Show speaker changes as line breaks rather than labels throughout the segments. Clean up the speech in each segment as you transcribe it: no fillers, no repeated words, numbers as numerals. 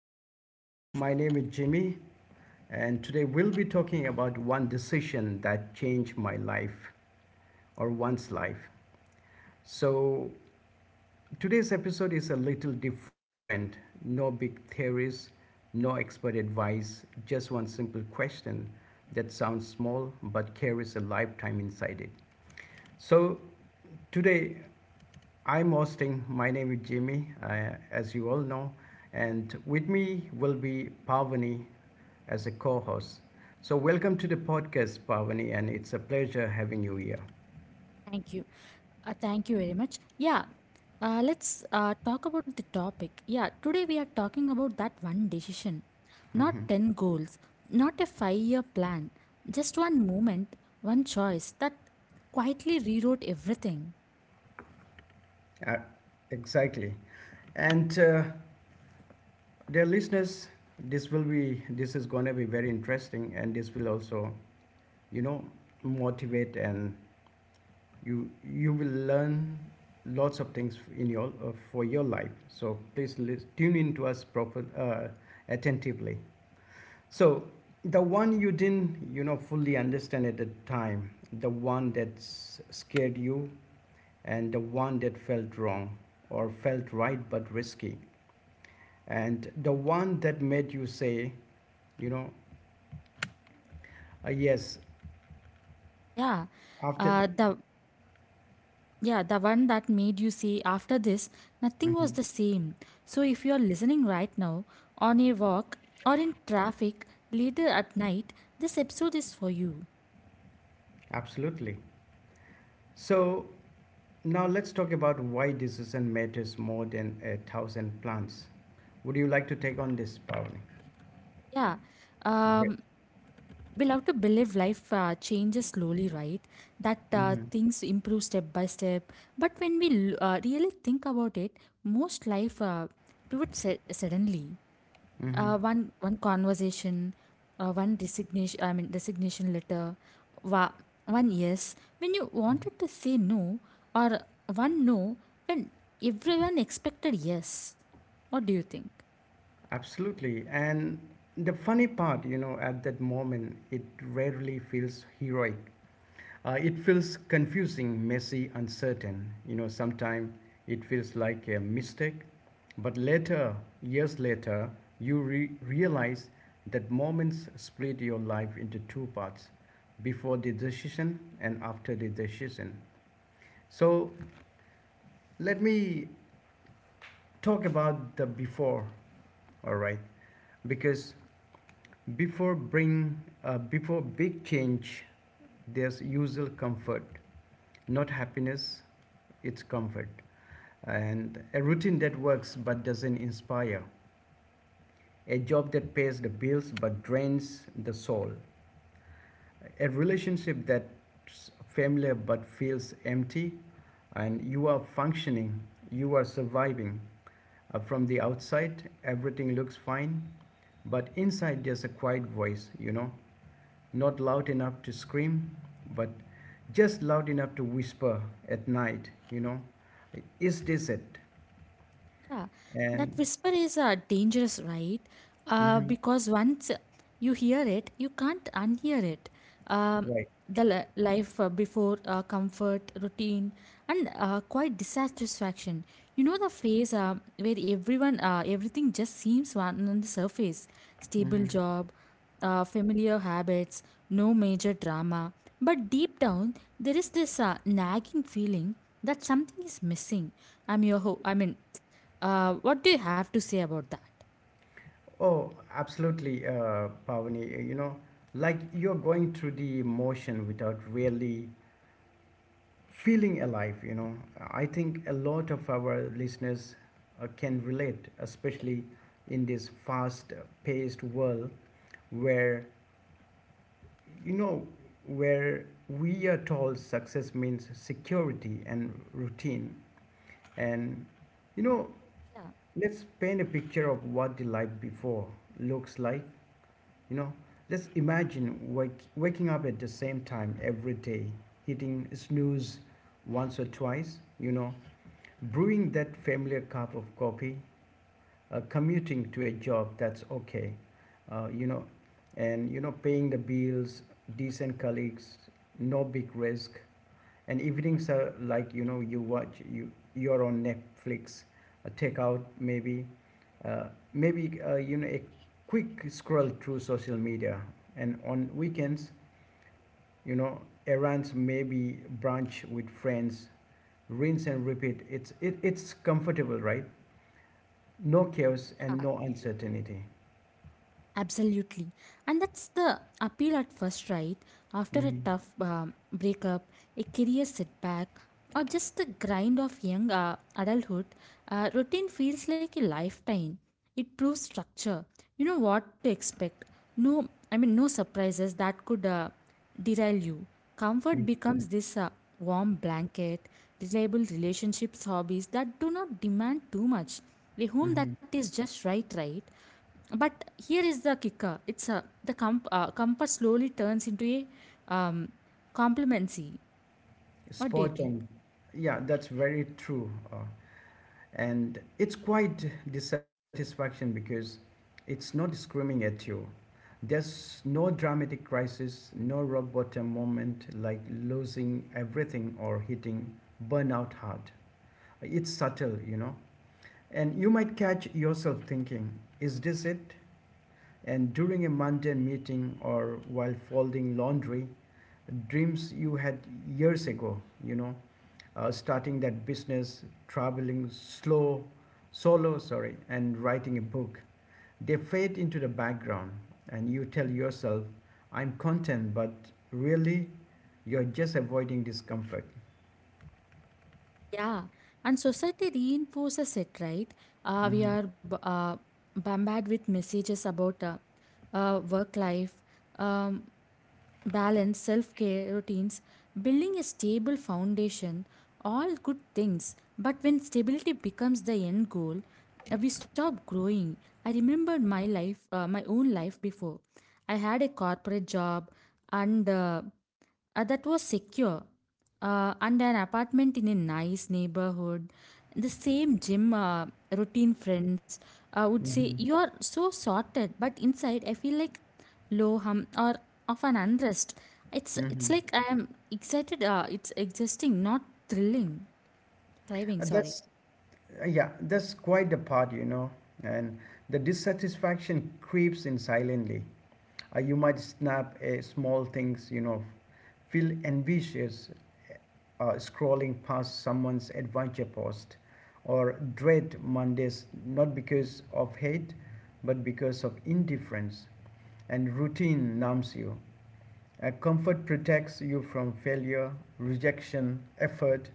podcast. My name is Jimmy, and today we'll be talking about one decision that changed my life or one's life. So, today's episode is a little different. No big theories, no expert advice, just one simple question that sounds small but carries a lifetime inside it. So, today I'm hosting. My name is Jimmy, as you all know, and with me will be Parvani as a co host. So, welcome to the podcast, Parvani, and it's a pleasure having you here.
Thank you. Thank you very much. Yeah, let's talk about the topic. Yeah, today we are talking about that one decision, not
Mhm.
10 goals, not a 5 year plan, just one moment, one choice that quietly rewrote everything.
Uh, exactly. And dear listeners, this is going to be very interesting, and this will also, you know, motivate and you will learn lots of things in your for your life. So please tune in to us proper, attentively. So the one you didn't fully understand at the time, the one that scared you, and the one that felt wrong or felt right but risky, and the one that made you say, you know yes,
Yeah,
after.
uh, the yeah, the one that made you say after this, nothing was
Mhm.
the same. So if you are listening right now, on a walk or in traffic later at night, this episode is for you
Absolutely. So now let's talk about why decision matters more than a thousand plans. Would you like to take on this, Pavani?
Yeah,
Great.
um, we love to believe life changes slowly, right? That
hmm
things improve step by step. But when we really think about it, most life pivots suddenly.
hmm
One conversation, one resignation. I mean, resignation letter. Wa- One yes when you wanted to say no, or one no when everyone expected yes. What do you think?
Absolutely. And the funny part, you know, at that moment, it rarely feels heroic. It feels confusing, messy, uncertain. You know, sometimes it feels like a mistake, but later, years later, you realize that moments split your life into two parts, before the decision and after the decision. So, let me talk about the before, all right? Because before big change, there's usual comfort, not happiness, it's comfort, and a routine that works but doesn't inspire, a job that pays the bills but drains the soul, a relationship that's familiar but feels empty, and you are functioning, you are surviving. From the outside, everything looks fine, but inside there's a quiet voice, you know, not loud enough to scream, but just loud enough to whisper at night, you know, is this it?
Yeah,
And,
that whisper is dangerous, right?
mhm,
Because once you hear it, you can't unhear it. Um
right.
the life before comfort routine and quite dissatisfaction, you know, the phase where everyone everything just seems one on the surface, stable
Mm-hmm.
job, familiar habits, no major drama, but deep down there is this nagging feeling that something is missing. I mean, what do you have to say about that
Oh, absolutely, Pavani. You know, like you're going through the motion without really feeling alive. You know, I think a lot of our listeners can relate, especially in this fast-paced world where, you know, where we are told success means security and routine. And, you know, let's paint a picture of what the life before looks like. You know, just imagine waking up at the same time every day, hitting snooze once or twice, you know, brewing that familiar cup of coffee, commuting to a job that's okay, you know, and, you know, paying the bills, decent colleagues, no big risk, and evenings are like, you know, you your own Netflix, a takeout maybe, uh, maybe you know, a quick scroll through social media, and on weekends, you know, errands, maybe brunch with friends, rinse and repeat. It's comfortable, right? No chaos and
yeah
no uncertainty.
Absolutely. And that's the appeal at first, right? After a
Mm-hmm.
tough breakup, a career setback, or just the grind of young adulthood, routine feels like a lifetime. It proves structure. You know what to expect. No, I mean, no surprises that could derail you. Comfort becomes this warm blanket, reliable relationships, hobbies that do not demand too much. A home that
Mm-hmm.
is just right, right? But here is the kicker. It's a the comp, compass slowly turns into a complacency. What do you
Spot
think?
on. Yeah, that's very true. And it's quite dissatisfaction because it's not screaming at you. There's no dramatic crisis, no rock bottom moment like losing everything or hitting burnout hard. It's subtle, you know, and you might catch yourself thinking, is this it? And during a mundane meeting or while folding laundry, dreams you had years ago, you know, starting that business, traveling slow, solo, sorry, and writing a book. They fade into the background, and you tell yourself, I'm content, but really, you're just avoiding discomfort.
Yeah, and society reinforces it, right? Uh, we
hmm
are b- uh, bombarded with messages about work life, um, balance, self care routines, building a stable foundation, all good things. But when stability becomes the end goal, we stop growing. I remembered my own life before. I had a corporate job and that was secure, and an apartment in a nice neighborhood, the same gym routine, friends. I would say
hmm
you are so sorted, but inside I feel like low hum or of an unrest. It's
hmm
like I am excited it's existing not thrilling thriving sorry
that's, yeah, that's quite the part, you know, and the dissatisfaction creeps in silently. You might snap a small things, you know, feel envious, scrolling past someone's adventure post, or dread Mondays, not because of hate but because of indifference, and routine numbs you. Comfort protects you from failure, rejection, effort,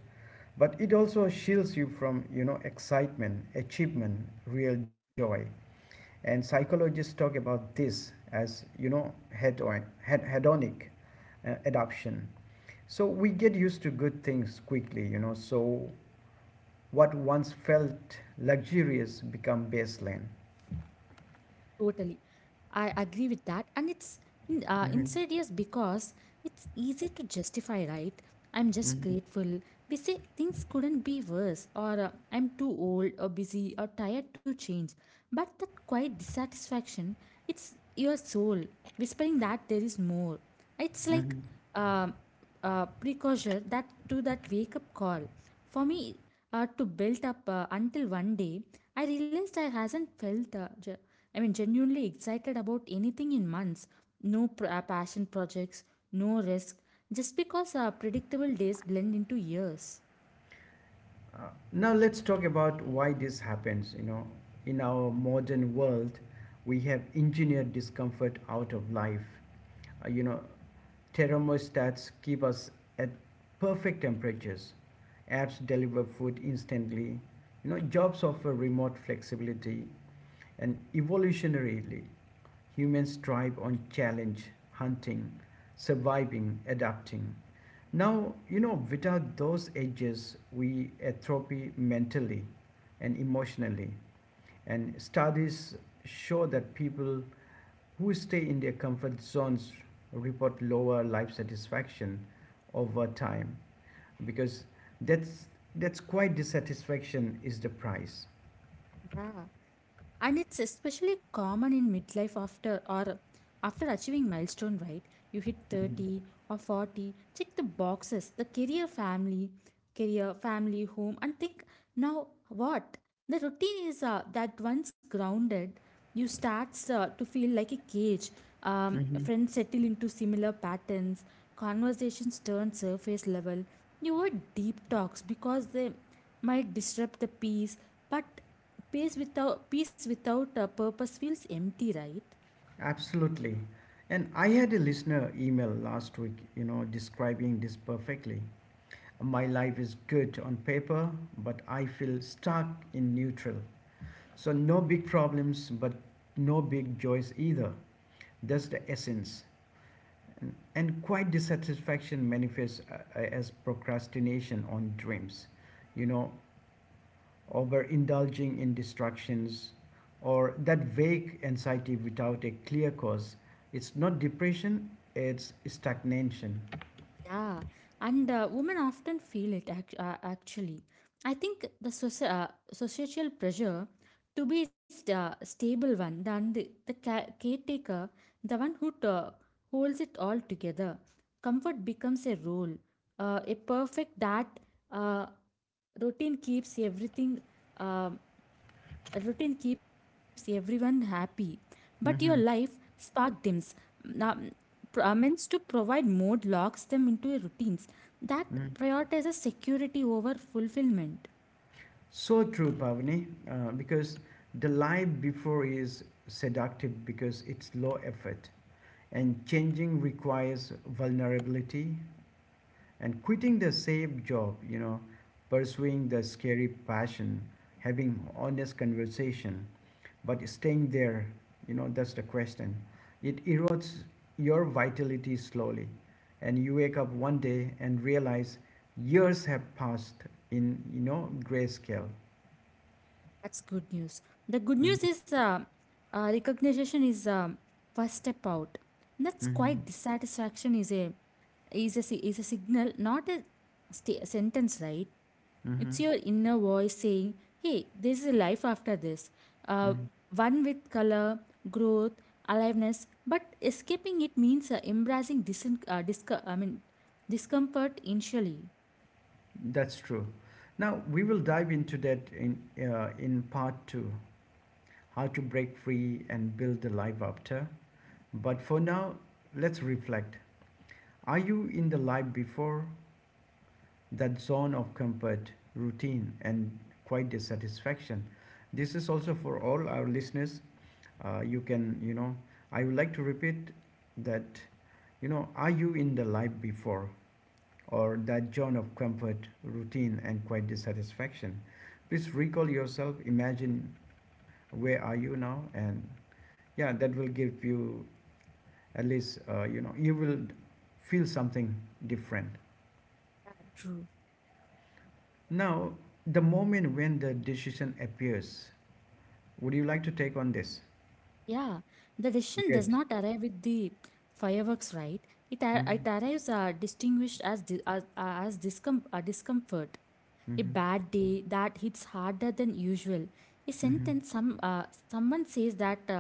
but it also shields you from, you know, excitement, achievement, real joy. And psychologists talk about this as, you know, hedonic adoption. So we get used to good things quickly, you know, so what once felt luxurious become baseline.
Totally. I agree with that. And it's
Mhm,
insidious because it's easy to justify, right? I'm just
mhm,
grateful. We say things couldn't be worse, or I'm too old, or busy, or tired to change. But that quiet dissatisfaction, it's your soul whispering that there is more. It's like
mhm.
um a precursor that to that wake up call. For me, to build up until one day, I realized I hasn't felt, I mean, genuinely excited about anything in months. No passion projects, no risk, just because our predictable days blend into years.
Now let's talk about why this happens, you know, in our modern world. We have engineered discomfort out of life, you know. Thermostats keep us at perfect temperatures. Apps deliver food instantly. You know, jobs offer remote flexibility. And evolutionarily, humans thrive on challenge, hunting, surviving, adapting. Now, you know, without those edges, we atrophy mentally and emotionally. And studies show that people who stay in their comfort zones report lower life satisfaction over time, because that's that's quite dissatisfaction is the price.
Yeah. And it's especially common in midlife after or after achieving milestone, right? You hit 30 or 40, check the boxes, career, family, home, and think now what? The routine is that once grounded, you starts to feel like a cage.
hmm
Friends settle into similar patterns, conversations turn surface level. You avoid deep talks because they might disrupt the peace, but peace without a purpose feels empty, right?
Absolutely. And I had a listener email last week, you know, describing this perfectly. My life is good on paper, but I feel stuck in neutral. So, no big problems, but no big joys either. That's the essence. And quite dissatisfaction manifests as procrastination on dreams, you know, over indulging in distractions, or that vague anxiety without a clear cause. It's not depression, it's stagnation.
Yeah, and women often feel it, actually. I think the societal pressure to be stable one than the caretaker, the one who holds it all together. Comfort becomes a role, a perfect that uh, routine keeps um everyone happy, but your life
Mhm,
spark dims. um, pr- uh, to provide mode locks them into a routines that
mhm.
prioritizes security over fulfillment.
So true, Pavani, because the life before is seductive because it's low effort, and changing requires vulnerability, and quitting the safe job, you know, pursuing the scary passion, having honest conversation, but staying there, you know, that's the question. It erodes your vitality slowly, and you wake up one day and realize years have passed in, you know, grayscale.
That's good news. The good news
Mhm.
is, recognition is first step out. That's
Mhm.
quite dissatisfaction is a is a signal, not a sta sentence, right?
Mhm.
It's your inner voice saying, hey, this is life after this. Uh,
Mhm.
one with color, growth, aliveness, but escaping it means embracing, I mean, discomfort initially.
That's true. Now we will dive into that in part two, how to break free and build the life after. But for now, let's reflect. Are you in the life before, that zone of comfort, routine, and quite dissatisfaction? This is also for all our listeners. You can, you know, I would like to repeat that, you know, are you in the life before, or that zone of comfort, routine, and quite dissatisfaction? Please recall yourself. Imagine where are you now, and yeah, that will give you at least you know, you will feel something different.
True.
Now, the moment when the decision appears, would you like to take on this?
Yeah, the decision does
Great.
not arrive with the fireworks, right? it, ar-
Mm-hmm.
it arrives distinguished as discomfort, a
Mm-hmm.
bad day that hits harder than usual, a
Mm-hmm.
sentence someone says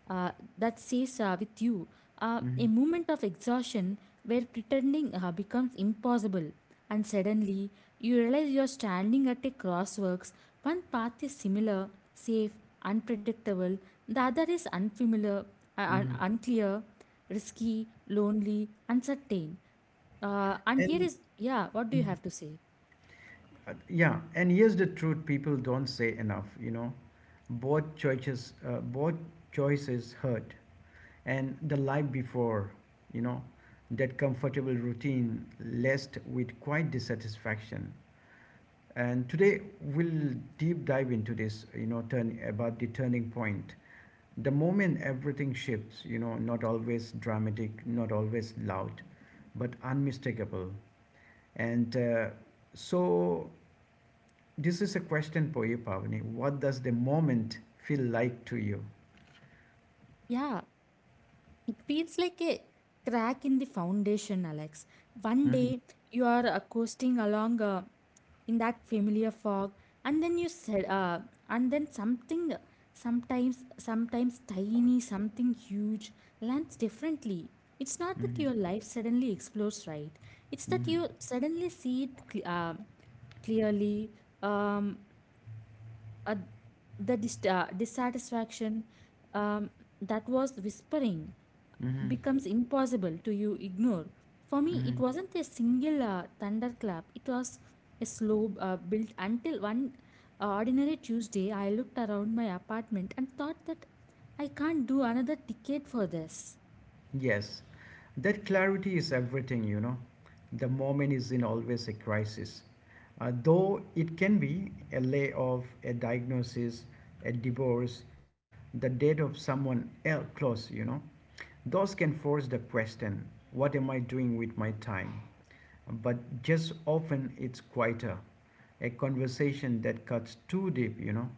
uh, that says with you,
Mm-hmm.
a moment of exhaustion where pretending becomes impossible. And suddenly you realize you're standing at a crossworks. One path is similar, safe, unpredictable. The other is unfamiliar,
Mm-hmm.
unclear, risky, lonely, uncertain. And here
And
is, yeah, what do you
mhm.
have to say?
Uh, yeah, and here's the truth people don't say enough, you know, both choices hurt, and the life before, you know, that comfortable routine laced with quite dissatisfaction. And today we'll deep dive into this, you know, turn about the turning point, the moment everything shifts, you know, not always dramatic, not always loud, but unmistakable. And so this is a question for you, Pavani. What does the moment feel like to you?
Yeah, it feels like a crack in the foundation, Alex. One
Mm-hmm,
day you are coasting along in that familiar fog, and then something, sometimes tiny, something huge lands differently. It's not
mm-hmm,
that your life suddenly explodes, right? It's that
mm-hmm,
you suddenly see it clearly. Um, uh, the dissatisfaction um, that was whispering
mm-hmm,
becomes impossible to you ignore. For me, it
mm-hmm.
wasn't a single thunderclap. It was a slow build until one ordinary Tuesday. I looked around my apartment and thought that I can't do another ticket for this.
Yes, that clarity is everything, you know. The moment is in always a crisis. Though it can be a layoff, a diagnosis, a divorce, the death of someone else close, you know. Those can force the question, what am I doing with my time? But just often it's quieter, a conversation that cuts too deep, you know.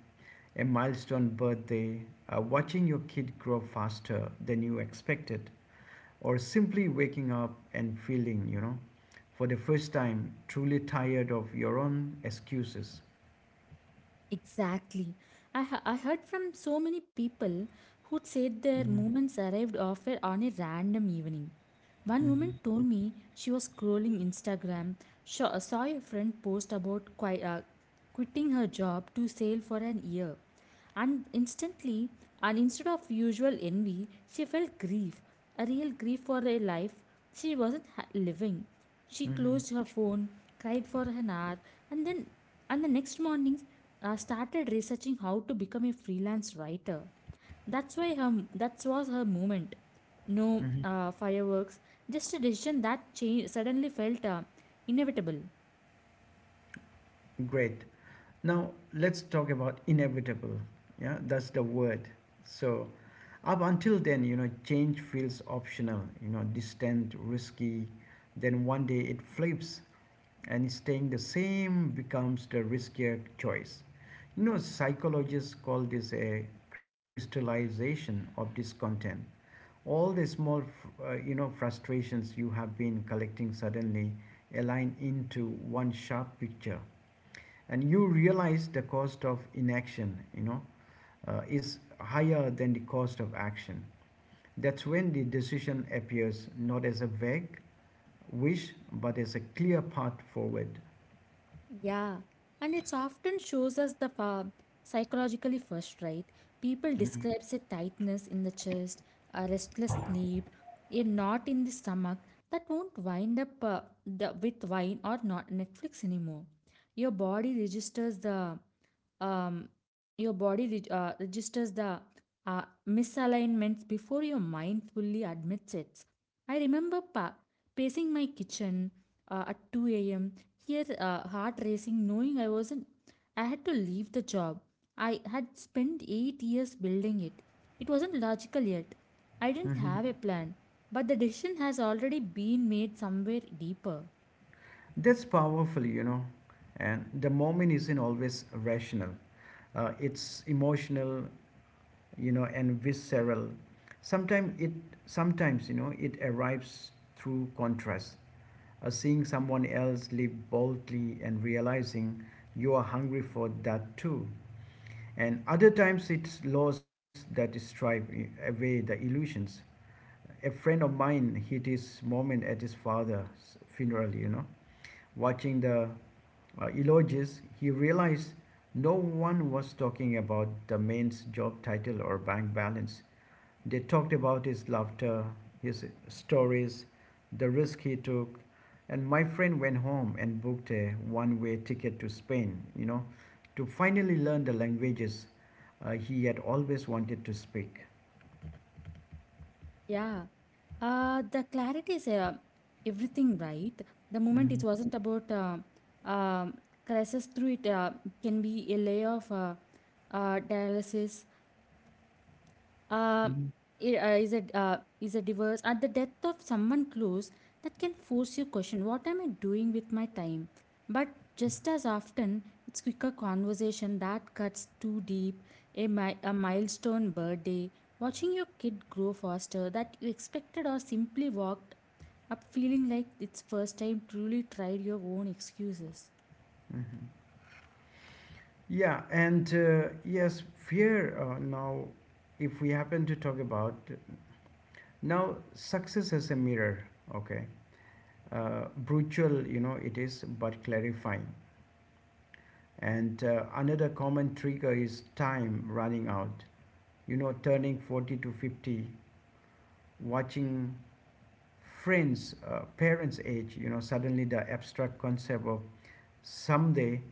A milestone birthday, watching your kid grow faster than you expected, or simply waking up and feeling, you know, for the first time truly tired of your own excuses.
Exactly. I heard from so many people who said
Mhm,
their moments arrived offer on a random evening. One woman
mhm,
told me she was scrolling Instagram, saw a friend post about quitting her job to sail for an year. And instantly, and Instead of usual envy, she felt grief, a real grief for a life she wasn't living. She
mhm.
closed her phone, cried for an hour, and the next mornings, I started researching how to become a freelance writer. That was her moment. No fireworks, just a decision that change, suddenly felt inevitable.
Great. Now let's talk about inevitable. Yeah, that's the word. So up until then, you know, change feels optional, you know, distant, risky. Then one day it flips, and staying the same becomes the riskier choice. You know, psychologists call this a crystallization of discontent. All the small, you know, frustrations you have been collecting suddenly align into one sharp picture, and you realize the cost of inaction, you know, is higher than the cost of action. That's when the decision appears, not as a vague wish, but as a clear path forward.
Yeah, and it often shows us the psychologically first, right? People describes a tightness in the chest, a restless sleep, a knot in the stomach that won't wind up with wine or not Netflix anymore. Your body registers the um, registers the uh, misalignments before your mind fully admits it. I remember pa pacing my kitchen at 2 a.m. Here, heart racing, knowing I wasn't, I had to leave the job. I had spent 8 years building it. It wasn't logical yet. I didn't
Mhm.
have a plan, but the decision has already been made somewhere deeper.
That's powerful, you know. And the moment isn't always rational. It's emotional, you know, and visceral. Sometimes it, sometimes, you know, it arrives through contrast. Seeing someone else live boldly and realizing you are hungry for that too. And other times it's loss that stripe away the illusions. A friend of mine hit his moment at his father's funeral, you know, watching the eulogies, he realized no one was talking about the man's job title or bank balance. They talked about his laughter, his stories, the risk he took. And my friend went home and booked a one way ticket to Spain, you know, to finally learn the languages he had always wanted to speak.
Yeah, the clarity is everything, right? The moment it
Mhm.
wasn't about um crisis through it can be a layoff, dialysis, uh,
Mhm.
is a divorce at the death of someone close that can force you question what am I doing with my time. But just as often it's quicker conversation that cuts too deep, a milestone birthday, watching your kid grow faster that you expected, or simply walked up feeling like it's first time truly tried your own excuses.
Mhm. Yeah, and, yes, fear now, if we happen to talk about now, success as a mirror, okay, brutal, you know, it is, but clarifying. And another common trigger is time running out, you know, turning 40 to 50, watching friends, parents age, you know. Suddenly the abstract concept of someday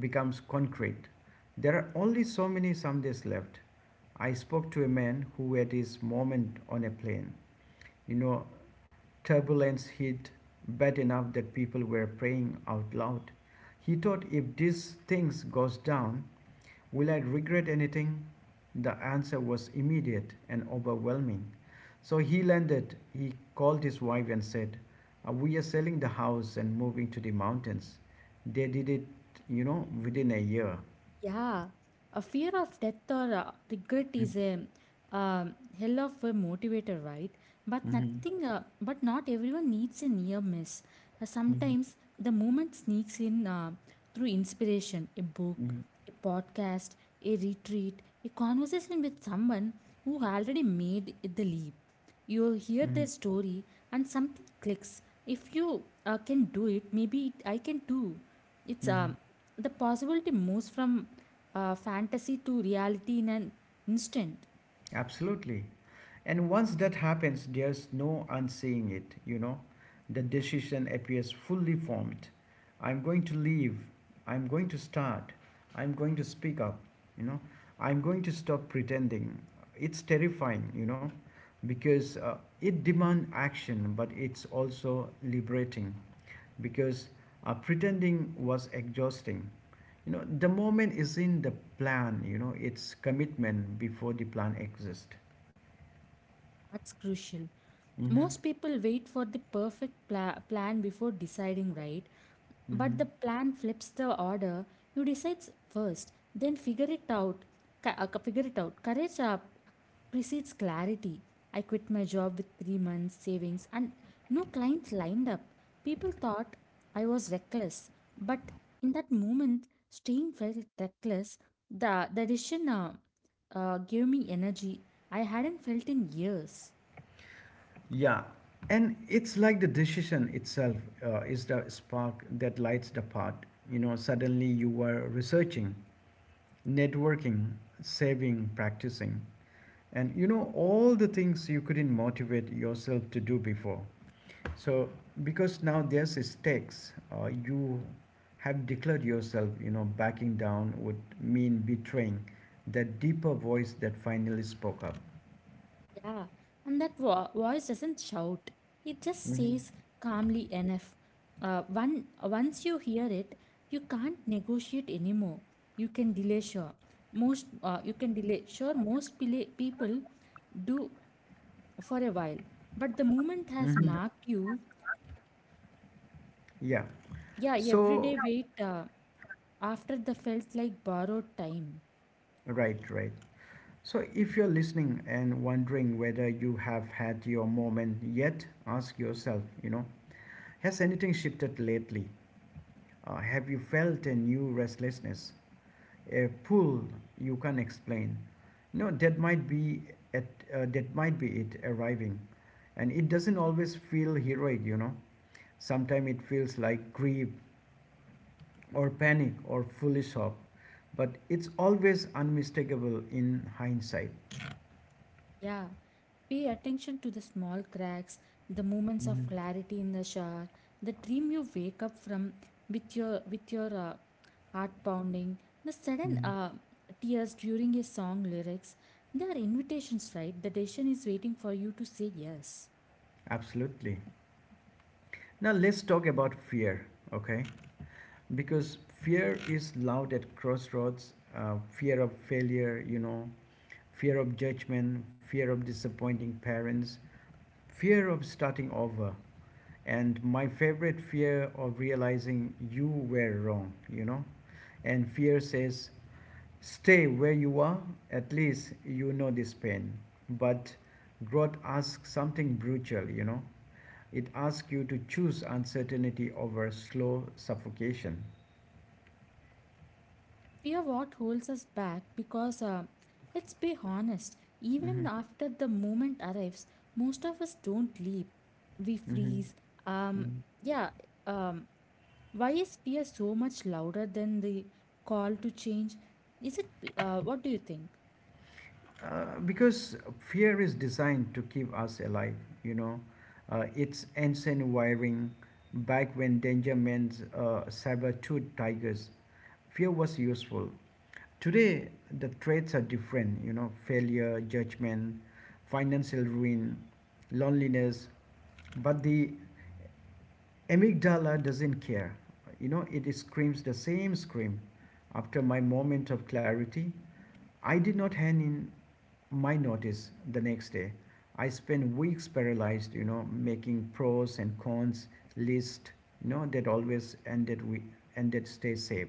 becomes concrete. There are only so many somedays left. I spoke to a man who had his moment on a plane. You know, turbulence hit bad enough that people were praying out loud. He thought, if these things goes down, will I regret anything? The answer was immediate and overwhelming. So he landed. He called his wife and said, "We are selling the house and moving to the mountains." They did it, you know, within a year.
Yeah, a fear of death or regret
Mm-hmm.
is a hell of a motivator, right? But
Mm-hmm.
nothing, but not everyone needs a near miss. Sometimes the moment sneaks in through inspiration, a book, a podcast, a retreat, a conversation with someone who already made the leap. You hear
Mm-hmm.
their story and something clicks. If you can do it, maybe it, I can too. It's
Mm-hmm.
The possibility moves from fantasy to reality in an instant.
Absolutely. And once that happens, there's no unseeing it. The decision appears fully formed. I'm going to leave. I'm going to start. I'm going to speak up, you know. I'm going to stop pretending. It's terrifying because it demands action, but it's also liberating because pretending was exhausting. The moment is in the plan, it's commitment before the plan exists.
That's crucial.
Hmm.
Most people wait for the perfect plan before deciding, right? But
Hmm.
the plan flips the order. You decide first, then figure it out. Figure it out. Courage up precedes clarity. I quit my job with 3 months savings and no clients lined up. People thought I was reckless, but in that moment, staying felt reckless. The decision gave me energy I hadn't felt in years.
Yeah, and it's like the decision itself is the spark that lights the path. You know, suddenly you were researching, networking, saving, practicing, and all the things you couldn't motivate yourself to do before. So, because now there's stakes, you have declared yourself, backing down would mean betraying that deeper voice that finally spoke up.
Yeah, and that voice doesn't shout. It just says
Mm-hmm.
calmly enough. Once you hear it, you can't negotiate anymore. You can delay, sure. Most people do for a while. But the moment
Mm-hmm.
has marked you.
Yeah.
Yeah,
So
everyday wait after the felt like borrowed time.
right, right. So if you're listening and wondering whether you have had your moment yet, ask yourself, has anything shifted lately? Have you felt a new restlessness, a pull you can't explain? No, that might be at that might be it arriving, and it doesn't always feel heroic. Sometimes it feels like grief or panic or foolish hope, but it's always unmistakable in hindsight.
Yeah, pay attention to the small cracks, the moments of
Mhm,
clarity in the shower, the dream you wake up from with your heart pounding, the sudden
mhm.
tears during a song lyrics. They are invitations, right? The decision is waiting for you to say yes.
Absolutely. Now let's talk about fear, okay? Because fear is loud at crossroads. Fear of failure, fear of judgment, fear of disappointing parents, fear of starting over, and my favorite, fear of realizing you were wrong. And fear says, stay where you are. At least you know this pain. But growth asks something brutal. It asks you to choose uncertainty over slow suffocation.
Fear what holds us back because let's be honest. Even
Mhm,
after the moment arrives, most of us don't leap. We
mhm,
freeze. Um,
mhm.
yeah. Um, Why is fear so much louder than the call to change? What do you think?
Because fear is designed to keep us alive, you know. It's ancient wiring. Back when danger meant saber-toothed tigers, fear was useful. Today, the traits are different, failure, judgment, financial ruin, loneliness. But the amygdala doesn't care. You know, it screams the same scream. After my moment of clarity, I did not hand in my notice the next day. I spent weeks paralyzed, making pros and cons list, that always ended stay safe.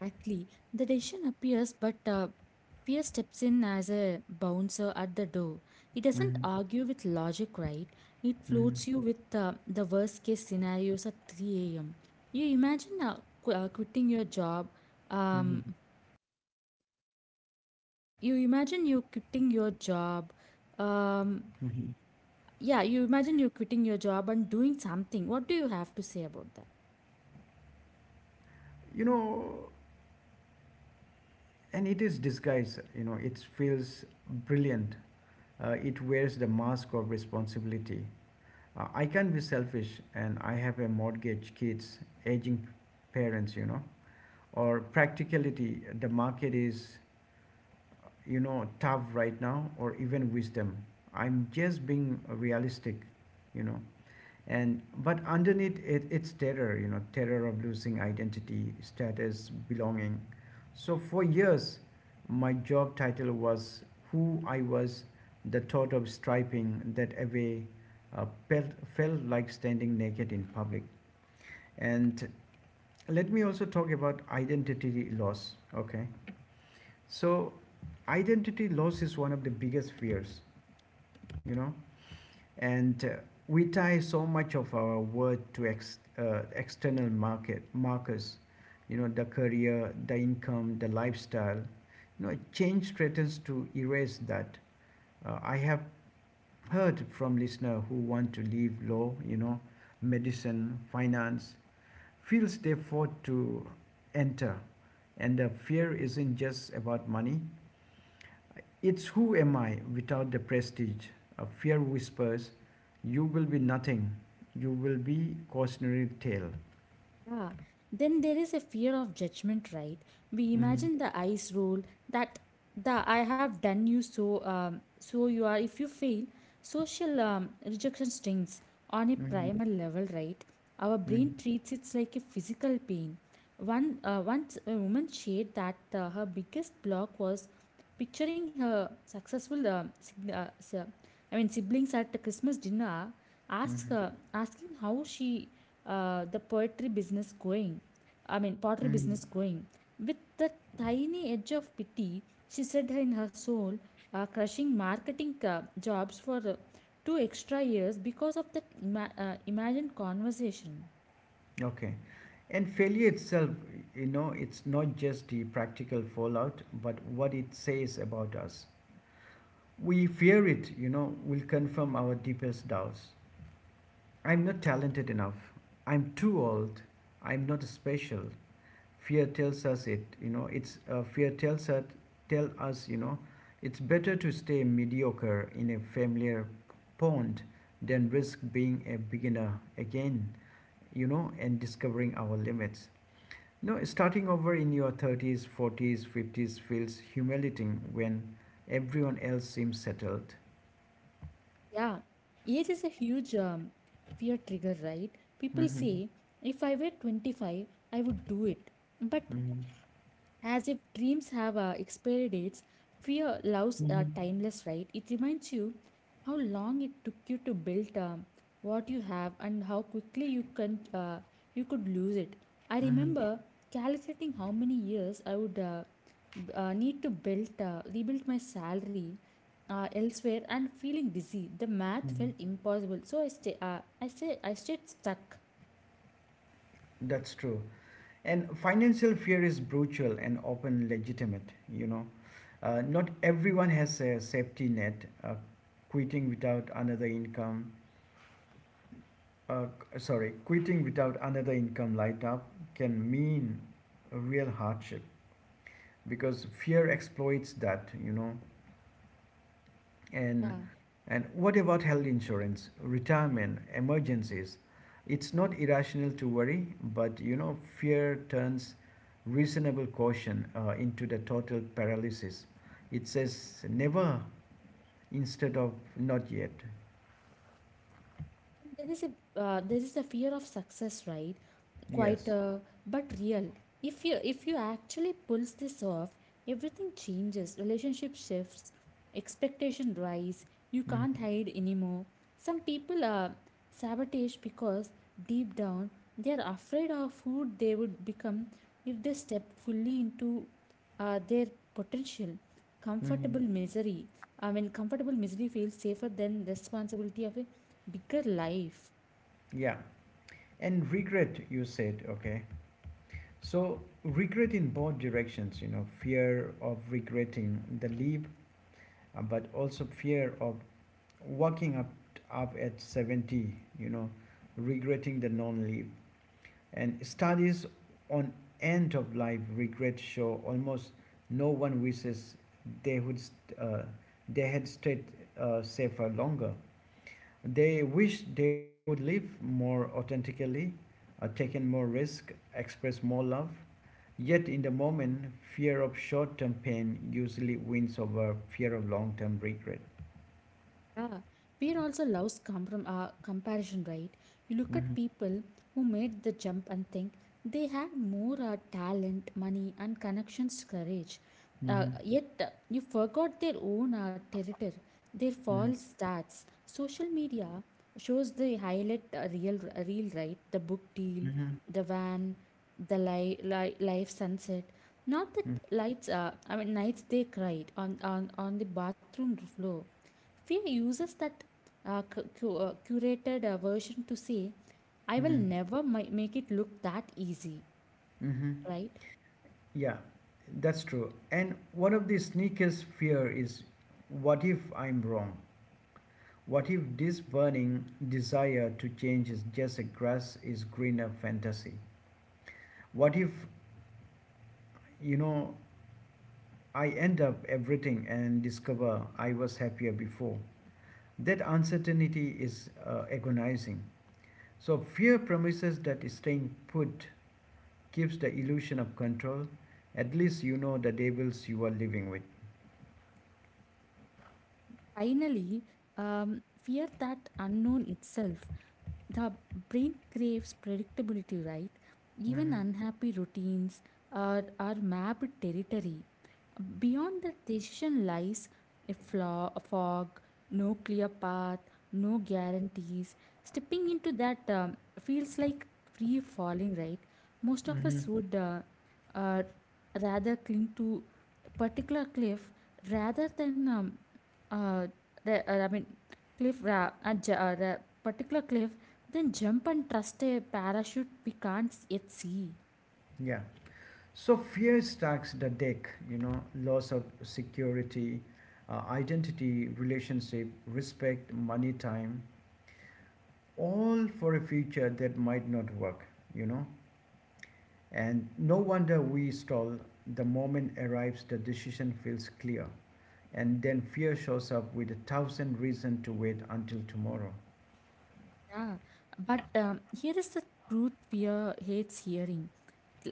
Exactly. The decision appears, but fear steps in as a bouncer at the door. It doesn't
Hmm.
argue with logic, right? It
Hmm.
floats you with the worst case scenarios at 3 a.m. You imagine quitting your job.
Hmm.
Um, you imagine you quitting your job. Um,
Hmm.
yeah, you imagine you quitting your job and doing something. What do you have to say about that?
You know, and it is disguise, it feels brilliant. It wears the mask of responsibility. I can't be selfish, and I have a mortgage, kids, aging parents, you know. Or practicality, the market is, tough right now, or even wisdom. I'm just being realistic, you know and but underneath it, it's terror, terror of losing identity, status, belonging. So for years my job title was who I was. The thought of striping that away uh, felt, felt like standing naked in public. And let me also talk about identity loss, okay? So identity loss is one of the biggest fears, you know. And we tie so much of our worth to external market markers, the career, the income, the lifestyle. Change threatens to erase that. Uh, I have heard from listeners who want to leave law, medicine, finance, fields they fought to enter, and the fear isn't just about money, it's who am I without the prestige. A fear whispers, you will be nothing. You will be cautionary tale.
Yeah. Then there is a fear of judgment, right? We
Mhm,
imagine the eyes roll that the I have done you so you are if you fail social rejection stings on a
mhm,
primal level, right? Our
mhm,
brain treats it like a physical pain. One once a woman shared that her biggest block was picturing her successful I mean siblings at the Christmas dinner
mhm,
asking how she the poetry business going. I mean, pottery
mhm.
business going with the tiny edge of pity. She said in her soul crushing marketing jobs for two extra years because of that imagined conversation.
Okay. And failure itself, it's not just the practical fallout, but what it says about us. We fear it, will confirm our deepest doubts. I'm not talented enough. I'm too old. I'm not special. Fear tells us it you know it's fear tells us tell us it's better to stay mediocre in a familiar pond than risk being a beginner again, and discovering our limits. Starting over in your 30s, 40s, 50s feels humiliating when everyone else seems settled.
Yeah, age is a huge fear trigger, right? People
Hmm.
say if I were 25 I would do it, but
Hmm.
as if dreams have expiry dates, fear loves are
Hmm.
timeless, right? It reminds you how long it took you to build what you have and how quickly you can you could lose it. I remember calculating how many years I would need to build rebuild my salary elsewhere and feeling dizzy. The math
Hmm.
felt impossible, so I stay. I stayed stuck.
That's true. And financial fear is brutal and often legitimate, you know. Not everyone has a safety net. Quitting without another income, uh, Quitting without another income light up can mean a real hardship because fear exploits that, you know.
Yeah.
And and what about health insurance, retirement, emergencies? It's not irrational to worry, but you know, fear turns reasonable caution into the total paralysis. It says never instead of not yet.
And There is a there is the fear of success, right? Quite
Yes.
but real. If you actually pulls this off, everything changes. Relationship shifts, expectation rise. You can't
Mm-hmm.
hide anymore. Some people are sabotage because deep down they are afraid of who they would become if they step fully into their potential.
Mm-hmm.
Comfortable misery. I mean, comfortable misery feels safer than responsibility of a bigger life.
Yeah. And regret, you said, okay. So, regret in both directions, fear of regretting the leap, but also fear of walking up at 70, regretting the non leap. And studies on end of life regret show almost no one wishes they would st- uh, they had stayed safer longer. They wish they would live more authentically, taken more risk, express more love. Yet in the moment, fear of short-term pain usually wins over fear of long-term regret.
Yeah, fear also loves comparison, right? You look at
Mm-hmm.
people who made the jump and think they had more talent, money, and connections, courage.
Mm-hmm.
Yet you forgot their own territory, their
Mm-hmm.
false stats. Social media shows the highlight real, right? The book deal,
Mm-hmm.
the van, the life sunset. Not that lights. I mean, nights they cried on the bathroom floor. Fear uses that curated version to say, I will
Mm-hmm.
never make it look that easy,
Mm-hmm.
right?
Yeah, that's true. And one of the sneakiest fear is, what if I'm wrong? What if this burning desire to change is just a grass is greener fantasy? What if, you know, I end up everything and discover I was happier before. That uncertainty is agonizing. So, fear promises that staying put gives the illusion of control. At least you know the devils you are living with.
Finally, fear that unknown itself. The brain craves predictability, right? Even
Mm-hmm.
unhappy routines are mapped territory. Beyond that decision lies a flaw, a fog, no clear path, no guarantees. Stepping into that feels like free falling, right? Most of us
Mm-hmm.
would uh, rather cling to a particular cliff rather than uh, I mean cliff ra- a j- ra- particular cliff, then jump and trust a parachute we can't yet see.
Yeah. So, fear stacks the deck, loss of security, identity, relationship, respect, money, time, all for a future that might not work, you know. And no wonder we stall. The moment arrives, the decision feels clear. And then fear shows up with a thousand reasons to wait until tomorrow.
Yeah, but here is the truth fear hates hearing.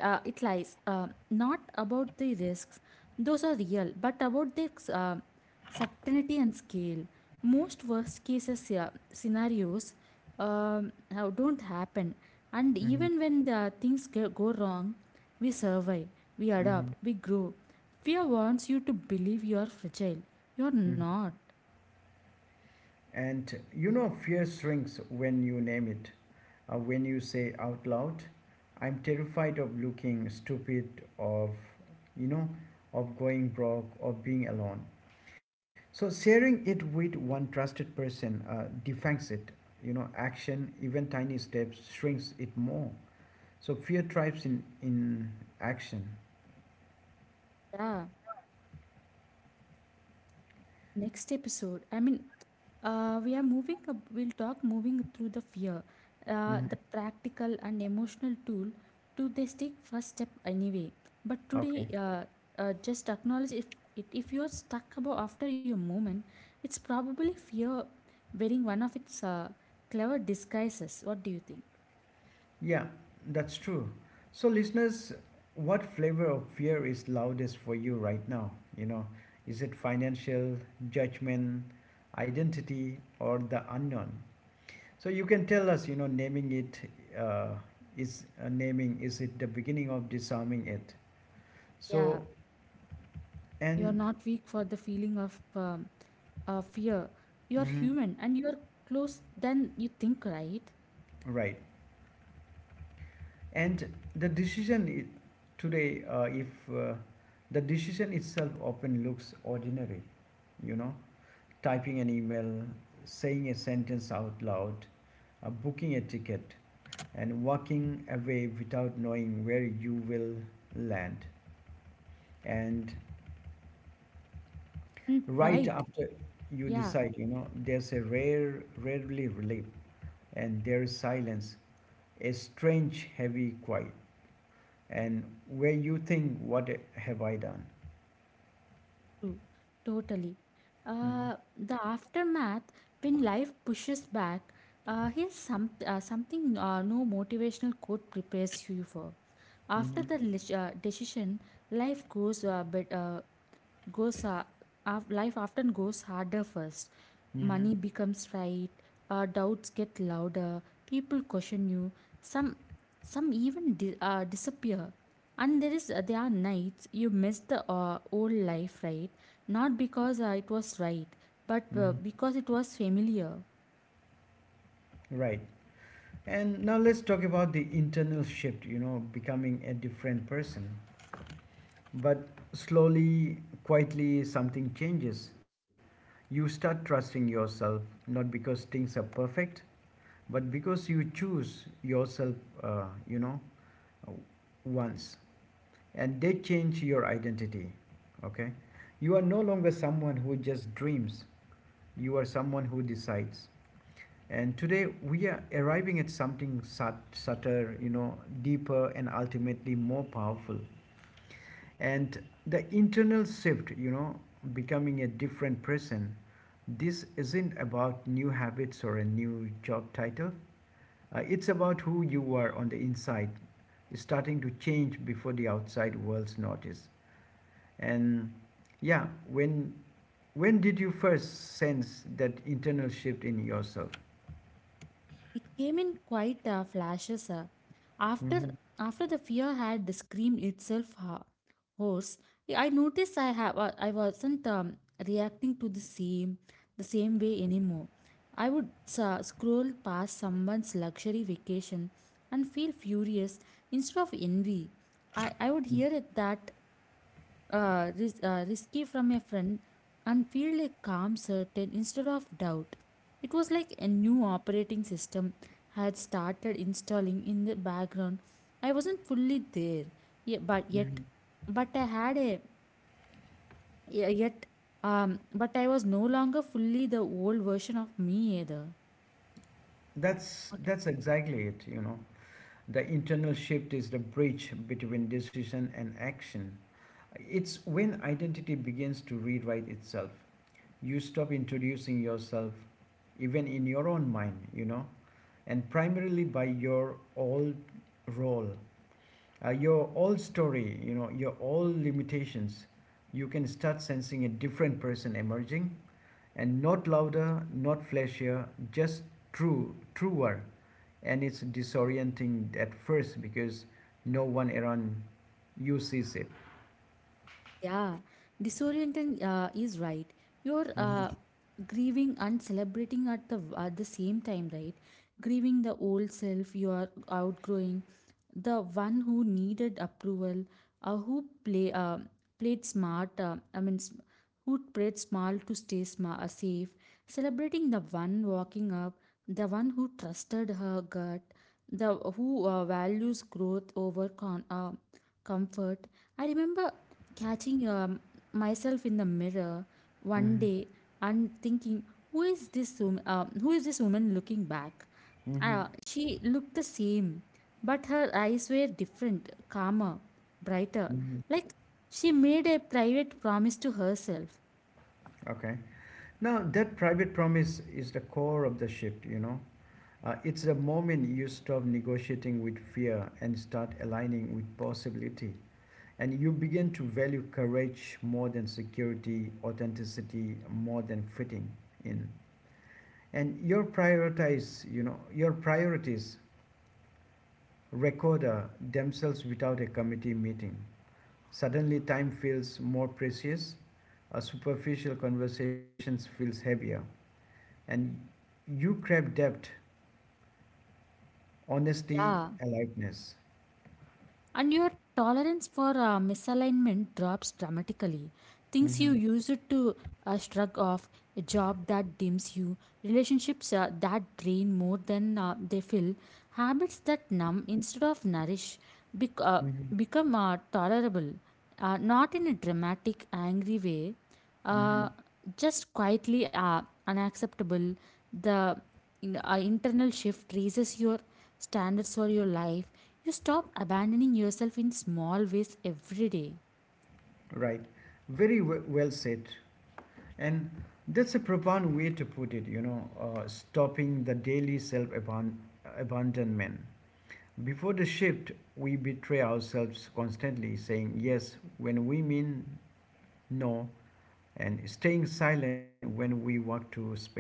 It lies not about the risks, those are real, but about their certainty and scale. Most worst cases scenarios how don't happen, and
Mhm,
even when the things go wrong, we survive, we
mhm,
adapt, we grow. Fear wants you to believe you are fragile. You're
mhm.
not.
And fear shrinks when you name it. When you say out loud, I'm terrified of looking stupid, of, you know, of going broke, of being alone. So sharing it with one trusted person defangs it. You know, action, even tiny steps, shrinks it more. So fear thrives in action.
Yeah. Next episode, I mean, we'll talk moving through the fear, the
Mhm.
practical and emotional tool to this take first step anyway. But today,
Okay.
just acknowledge if if you're stuck about after your moment, it's probably fear wearing one of its clever disguises. What do you think?
Yeah, that's true. So, listeners, what flavor of fear is loudest for you right now? You know, is it financial, judgment, identity, or the unknown? So, you can tell us, naming it uh, is it the beginning of disarming it?
Yeah,
So,
you're
and
not weak for the feeling of fear. You're
mhm,
human and you're close than you think, right?
right, and the decision I- today, if the decision itself often looks ordinary, you know, typing an email, saying a sentence out loud, booking a ticket, and walking away without knowing where you will land. And
And
right
right.
after you
Yeah,
decide, there's a rare, rarely relief, and there is silence, a strange, heavy quiet. And where you think, what have I done?
true. Totally.
Mm-hmm.
The aftermath, when life pushes back, here's something no motivational quote prepares you for.
Mm-hmm.
After the decision, life goes goes uh, life often goes harder first.
Mm-hmm.
Money becomes right, doubts get louder, people question you, some some even disappear. And there are nights you miss the old life, right? Not because it was right, but
Mm-hmm.
because it was familiar.
Right. And now let's talk about the internal shift, becoming a different person. But slowly, quietly, something changes. You start trusting yourself, not because things are perfect, but because you choose yourself, uh, you know, once. And they change your identity, okay? You are no longer someone who just dreams. You are someone who decides. And today we are arriving at something subtler, deeper and ultimately more powerful. And the internal shift, becoming a different person. This isn't about new habits or a new job title. It's about who you are on the inside, starting to change before the outside world's notice. And yeah, when did you first sense that internal shift in yourself?
It came in quite flashes. Uh,
Mm-hmm.
after the fear had screamed itself hoarse, I noticed I wasn't reacting to the same way anymore. I would scroll past someone's luxury vacation and feel furious instead of envy. I would hear it that risky from a friend and feel a calm certain instead of doubt. It was like a new operating system had started installing in the background. I wasn't fully there, ye- but yet,
Mhm.
but I had a yet, but I was no longer fully the old version of me either.
That's exactly it, you know. The internal shift is the bridge between decision and action. It's when identity begins to rewrite itself. You stop introducing yourself even in your own mind, and primarily by your old role, your old story, your old limitations. You can start sensing a different person emerging, and not louder, not flashier, just truer. And it's disorienting at first because no one around you sees it.
Yeah, disorienting is right. You're grieving and celebrating at the same time, right? Grieving the old self you are outgrowing, the one who needed approval, who play played smart, who played small to stay safe, celebrating the one walking up, the one who trusted her gut, the who values growth over comfort. I remember catching myself in the mirror one
Hmm.
day and thinking who is this woman, looking back.
Hmm.
Ah, she looked the same, but her eyes were different, calmer, brighter. Like she made a private promise to herself.
Okay. Now that private promise is the core of the shift. You know, it's the moment you stop negotiating with fear and start aligning with possibility, and you begin to value courage more than security, authenticity more than fitting in, and your prioritize. You know, your priorities record themselves without a committee meeting. Suddenly, time feels more precious, a superficial conversation feels heavier, and you crave depth, honesty,
Yeah.
aliveness.
And your tolerance for misalignment drops dramatically. Things
Mm-hmm.
you use it to shrug off, a job that dims you, relationships that drain more than they fill, habits that numb instead of nourish bec- uh,
Mm-hmm.
become tolerable, not in a dramatic, angry way,
Mm-hmm.
uh, just quietly unacceptable. The internal shift raises your standards for your life. You stop abandoning yourself in small ways every day.
Right. Very well said. And that's a profound way to put it, stopping the daily self abandonment. Before the shift, we betray ourselves constantly, saying yes when we mean no and staying silent when we want to speak.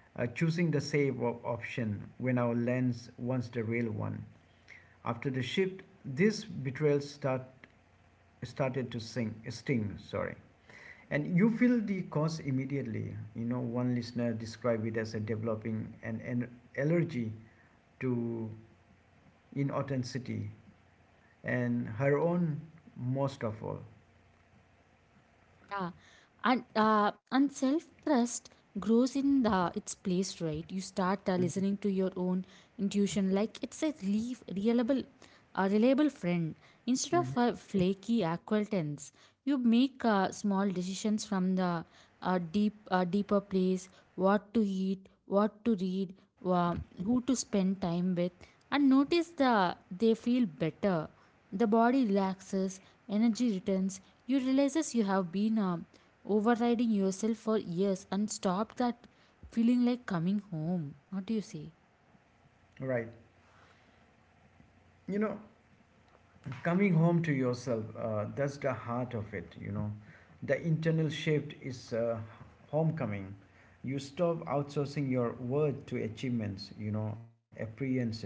Choosing the save option when our lens wants the real one. After the shift, started to sting. Sorry, and you feel the cause immediately. You know, one listener described it as a developing an allergy to inauthenticity and her own most of all.
Yeah, and self trust grows in the its place, right? You start listening to your own intuition like it's a reliable a reliable friend instead of
Mhm.
a flaky acquaintance. You make small decisions from the deeper place. What to eat, what to read, uh, who to spend time with, and notice the they feel better. The body relaxes, energy returns, you realizes you have been overriding yourself for years and stop that feeling like coming home. What do you say?
Right. You know, coming home to yourself, that's the heart of it, you know. The internal shift is, homecoming. You stop outsourcing your worth to achievements, you know, appearances,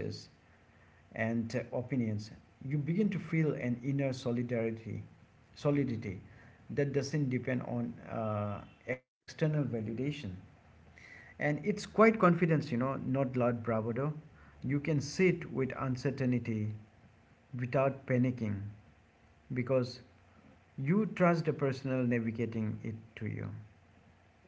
and opinions. You begin to feel an inner solidarity solidity that doesn't depend on external validation. And it's quite confidence, you know, not loud bravado. You can sit with uncertainty without panicking, because you trust a personal navigating it to you.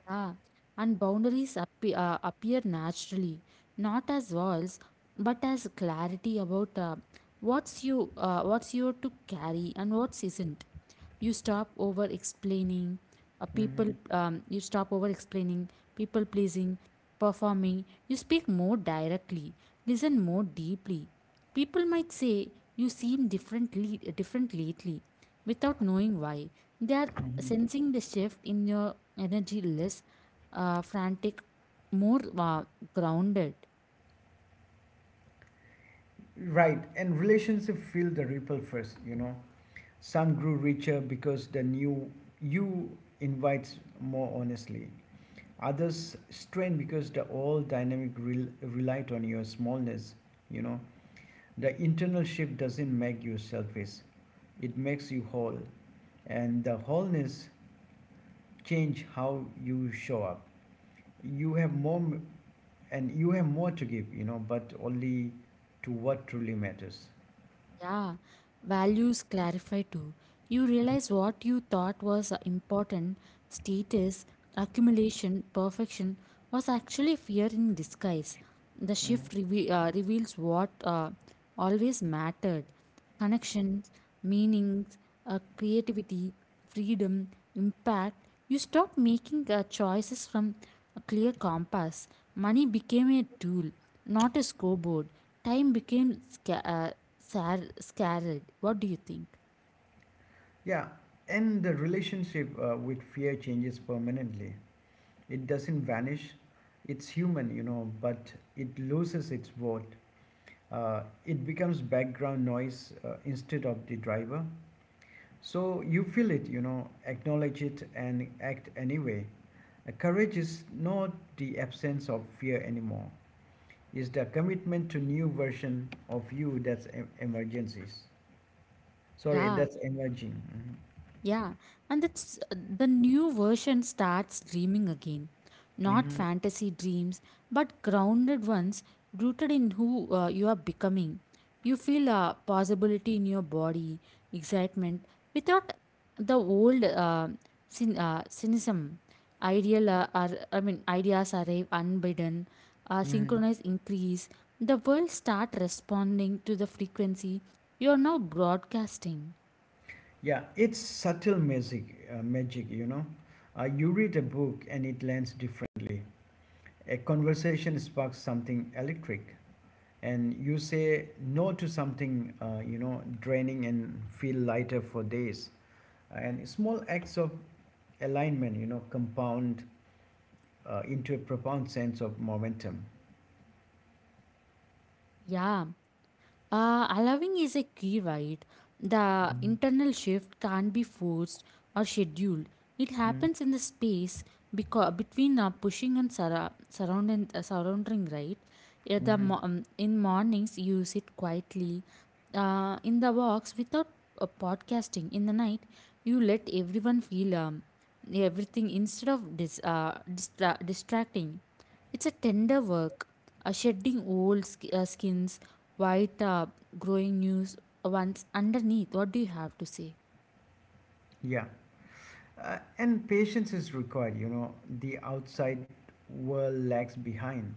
Yeah. And boundaries appear naturally, not as walls, but as clarity about what's you to carry and what's isn't. You stop over explaining people
Mhm.
you stop over explaining, people pleasing, performing. You speak more directly, listen more deeply. People might say you seem different lately without knowing why. They are
Mhm.
sensing the shift in your energy, less frantic, more grounded.
Right, and relationship feel the ripple first, you know. Some grew richer because the new you invites more honestly. Others strained because the old dynamic relied on your smallness, you know. The internal shift doesn't make you selfish, it makes you whole. And the wholeness change how you show up. You have more, and you have more to give, but only to what truly matters.
Yeah, values clarify too. You realize what you thought was important, status, accumulation, perfection, was actually fear in disguise. The
Mm.
shift reveals what always mattered: connections, meanings, creativity, freedom, impact. You stopped making choices from a clear compass. Money became a tool, not a scoreboard. Time became scared. What do you think?
Yeah, and the relationship with fear changes permanently. It doesn't vanish, it's human, you know, but it loses its vote. It becomes background noise instead of the driver. So you feel it, you know, acknowledge it, and act anyway. Courage is not the absence of fear anymore, is the commitment to new version of you that's em- emergencies. Sorry,
Yeah.
that's emerging.
Yeah, and it's the new version starts dreaming again.
Hmm.
Not
Hmm.
fantasy dreams, but grounded ones rooted in who you are becoming. You feel a possibility in your body, excitement, without the old cynicism. I mean, ideas arrive unbidden,
Hmm.
synchronized increase. The world start responding to the frequency you are now broadcasting.
Yeah, it's subtle magic, you know. You read a book and it lands differently. A conversation sparks something electric, and you say no to something, you know, draining, and feel lighter for days. And small acts of alignment, you know, compound into a profound sense of momentum.
Yeah. Allowing is a key, right? The
Mhm.
internal shift can't be forced or scheduled. It
Mhm.
happens in the space because between pushing and surrounding, surrounding, right? Yeah, the
Hmm.
in mornings you sit quietly, in the walks without podcasting. In the night you let everyone feel everything instead of distracting. It's a tender work, a shedding old skins, white growing news once underneath. What do you have to say?
Yeah. And patience is required, you know. The outside world lags behind.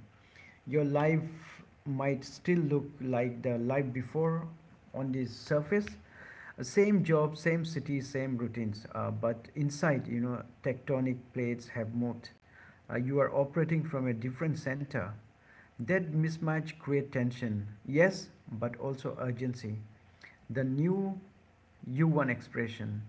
Your life might still look like the life before on the surface. Same job, same city, same routines. But inside, you know, tectonic plates have moved. You are operating from a different center. That mismatch create tension, yes, but also urgency. The new U1 expression.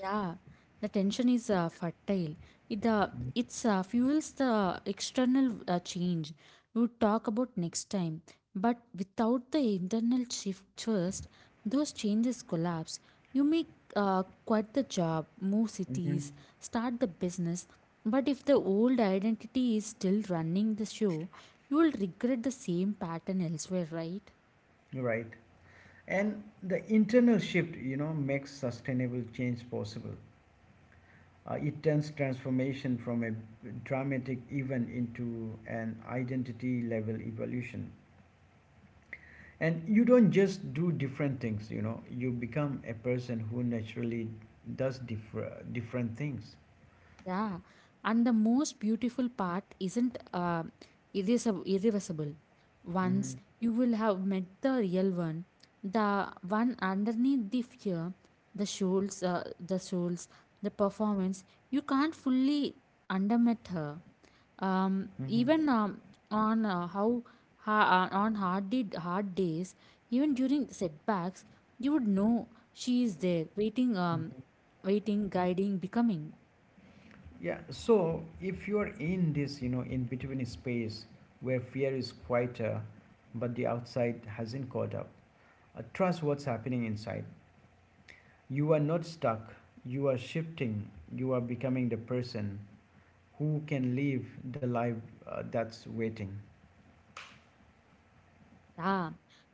Yeah, the tension is fertile. It it's fuels the external change. We'll talk about next time. But without the internal shift first, those changes collapse. You may quit the job, move
Hmm.
cities, start the business. But if the old identity is still running the show, you will regret the same pattern elsewhere, right?
Right. And the internal shift, you know, makes sustainable change possible. It turns transformation from a dramatic event into an identity level evolution. And you don't just do different things, you know, you become a person who naturally different things.
Yeah, and the most beautiful part isn't irreversible. Once
Hmm.
you will have met the real one, the one underneath the fear, the souls, the performance, you can't fully undermate her.
Hmm.
Even on how ha- on hard did hard days, even during setbacks, you would know she is there, waiting, waiting, guiding, becoming.
Yeah, so if you are in this, you know, in between space where fear is quieter, but the outside hasn't caught up, trust what's happening inside. You are not stuck, you are shifting, you are becoming the person who can live the life that's waiting.
Yeah.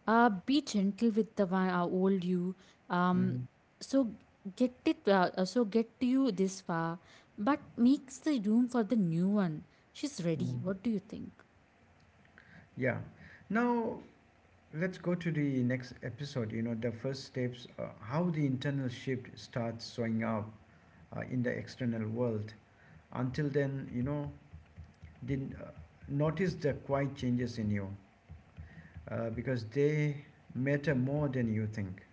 Be gentle with the old you. Um,
Mhm.
so get it. So get to you this far, but makes the room for the new one. She's ready.
Mm.
What do you think?
Yeah. Now, let's go to the next episode, you know, the first steps, how the internal shift starts showing up in the external world. Until then, you know, did notice the quiet changes in you because they matter more than you think.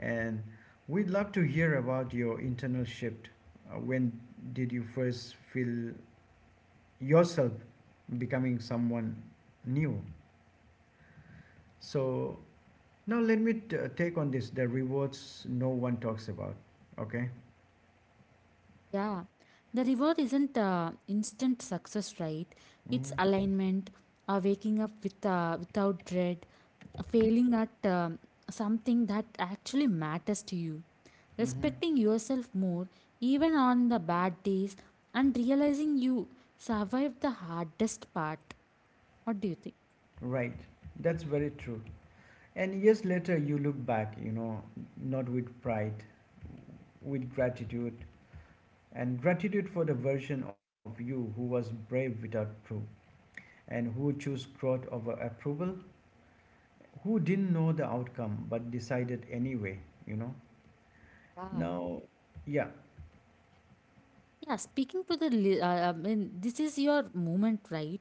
And we'd love to hear about your internal shift. When did you first feel yourself becoming someone new? So now let me take on this the rewards no one talks about. Okay.
Yeah, the reward isn't instant success, right? It's
Mm-hmm.
alignment, waking up with without dread, failing at something that actually matters to you,
Mm-hmm.
respecting yourself more even on the bad days, and realizing you survived the hardest part. What do you think?
Right. That's very true. And years later, you look back, you know, not with pride, with gratitude, and gratitude for the version of you who was brave without proof, and who chose growth over approval, who didn't know the outcome but decided anyway, you know.
Yeah.
Now, yeah,
Yeah, speaking to the, I mean, this is your moment, right?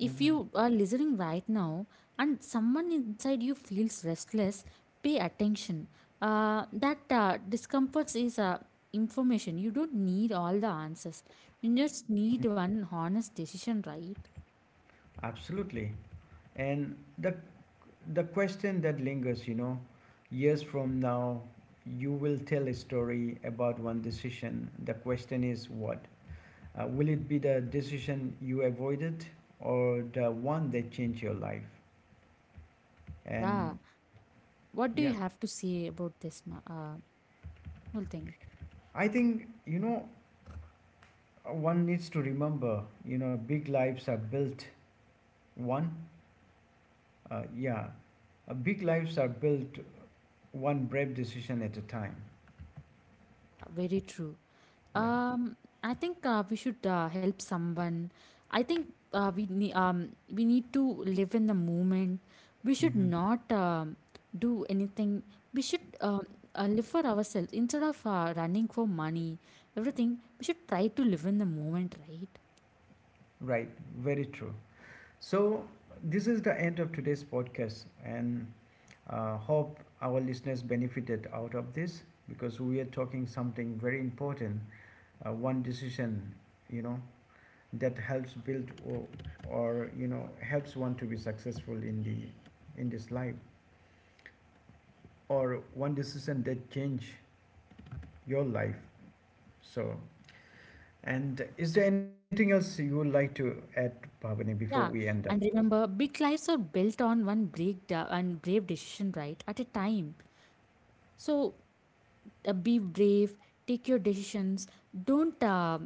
If
mhm,
you are listening right now and someone inside you feels restless, pay attention. That discomfort is information. You don't need all the answers. You just need one honest decision, right?
absolutely. And the question that lingers, you know, years from now, you will tell a story about one decision. The question is what? Will it be the decision you avoided or the one that changed your life?
Yeah.
And
What do
yeah,
you have to say about this whole thing?
I think, you know, one needs to remember, you know, one, uh, yeah, big lives are built one brave decision at a time.
Very true.
Yeah.
Um, I think we should help someone. I think we need to live in the moment. We should
Hmm.
not um do anything. We should live for ourselves instead of running for money. Everything we should try to live in the moment, right?
Right. Very true. So, this is the end of today's podcast, and hope our listeners benefited out of this, because we are talking something very important. One decision, you know, that helps build, or, you know, helps one to be successful in the in this life, or one decision that change your life. So, and is there anything else you would like to add, Bhavani, before
Yeah,
we end up?
and remember, big lives are built on one break and brave decision, right? At a time. So be brave, take your decisions, don't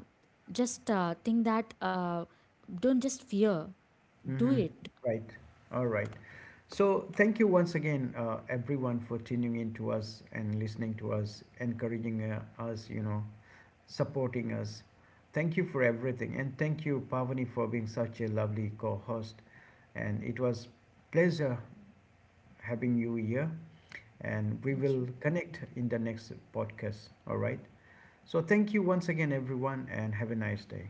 just think that don't just fear, do
Mm-hmm.
it.
Right. All right. So thank you once again, everyone, for tuning in to us and listening to us, encouraging us, you know, supporting us. Thank you for everything, and thank you, Pavani, for being such a lovely co-host. And it was pleasure having you here. And we
Thank you.
will connect in the next podcast. All right. So thank you once again, everyone, and have a nice day.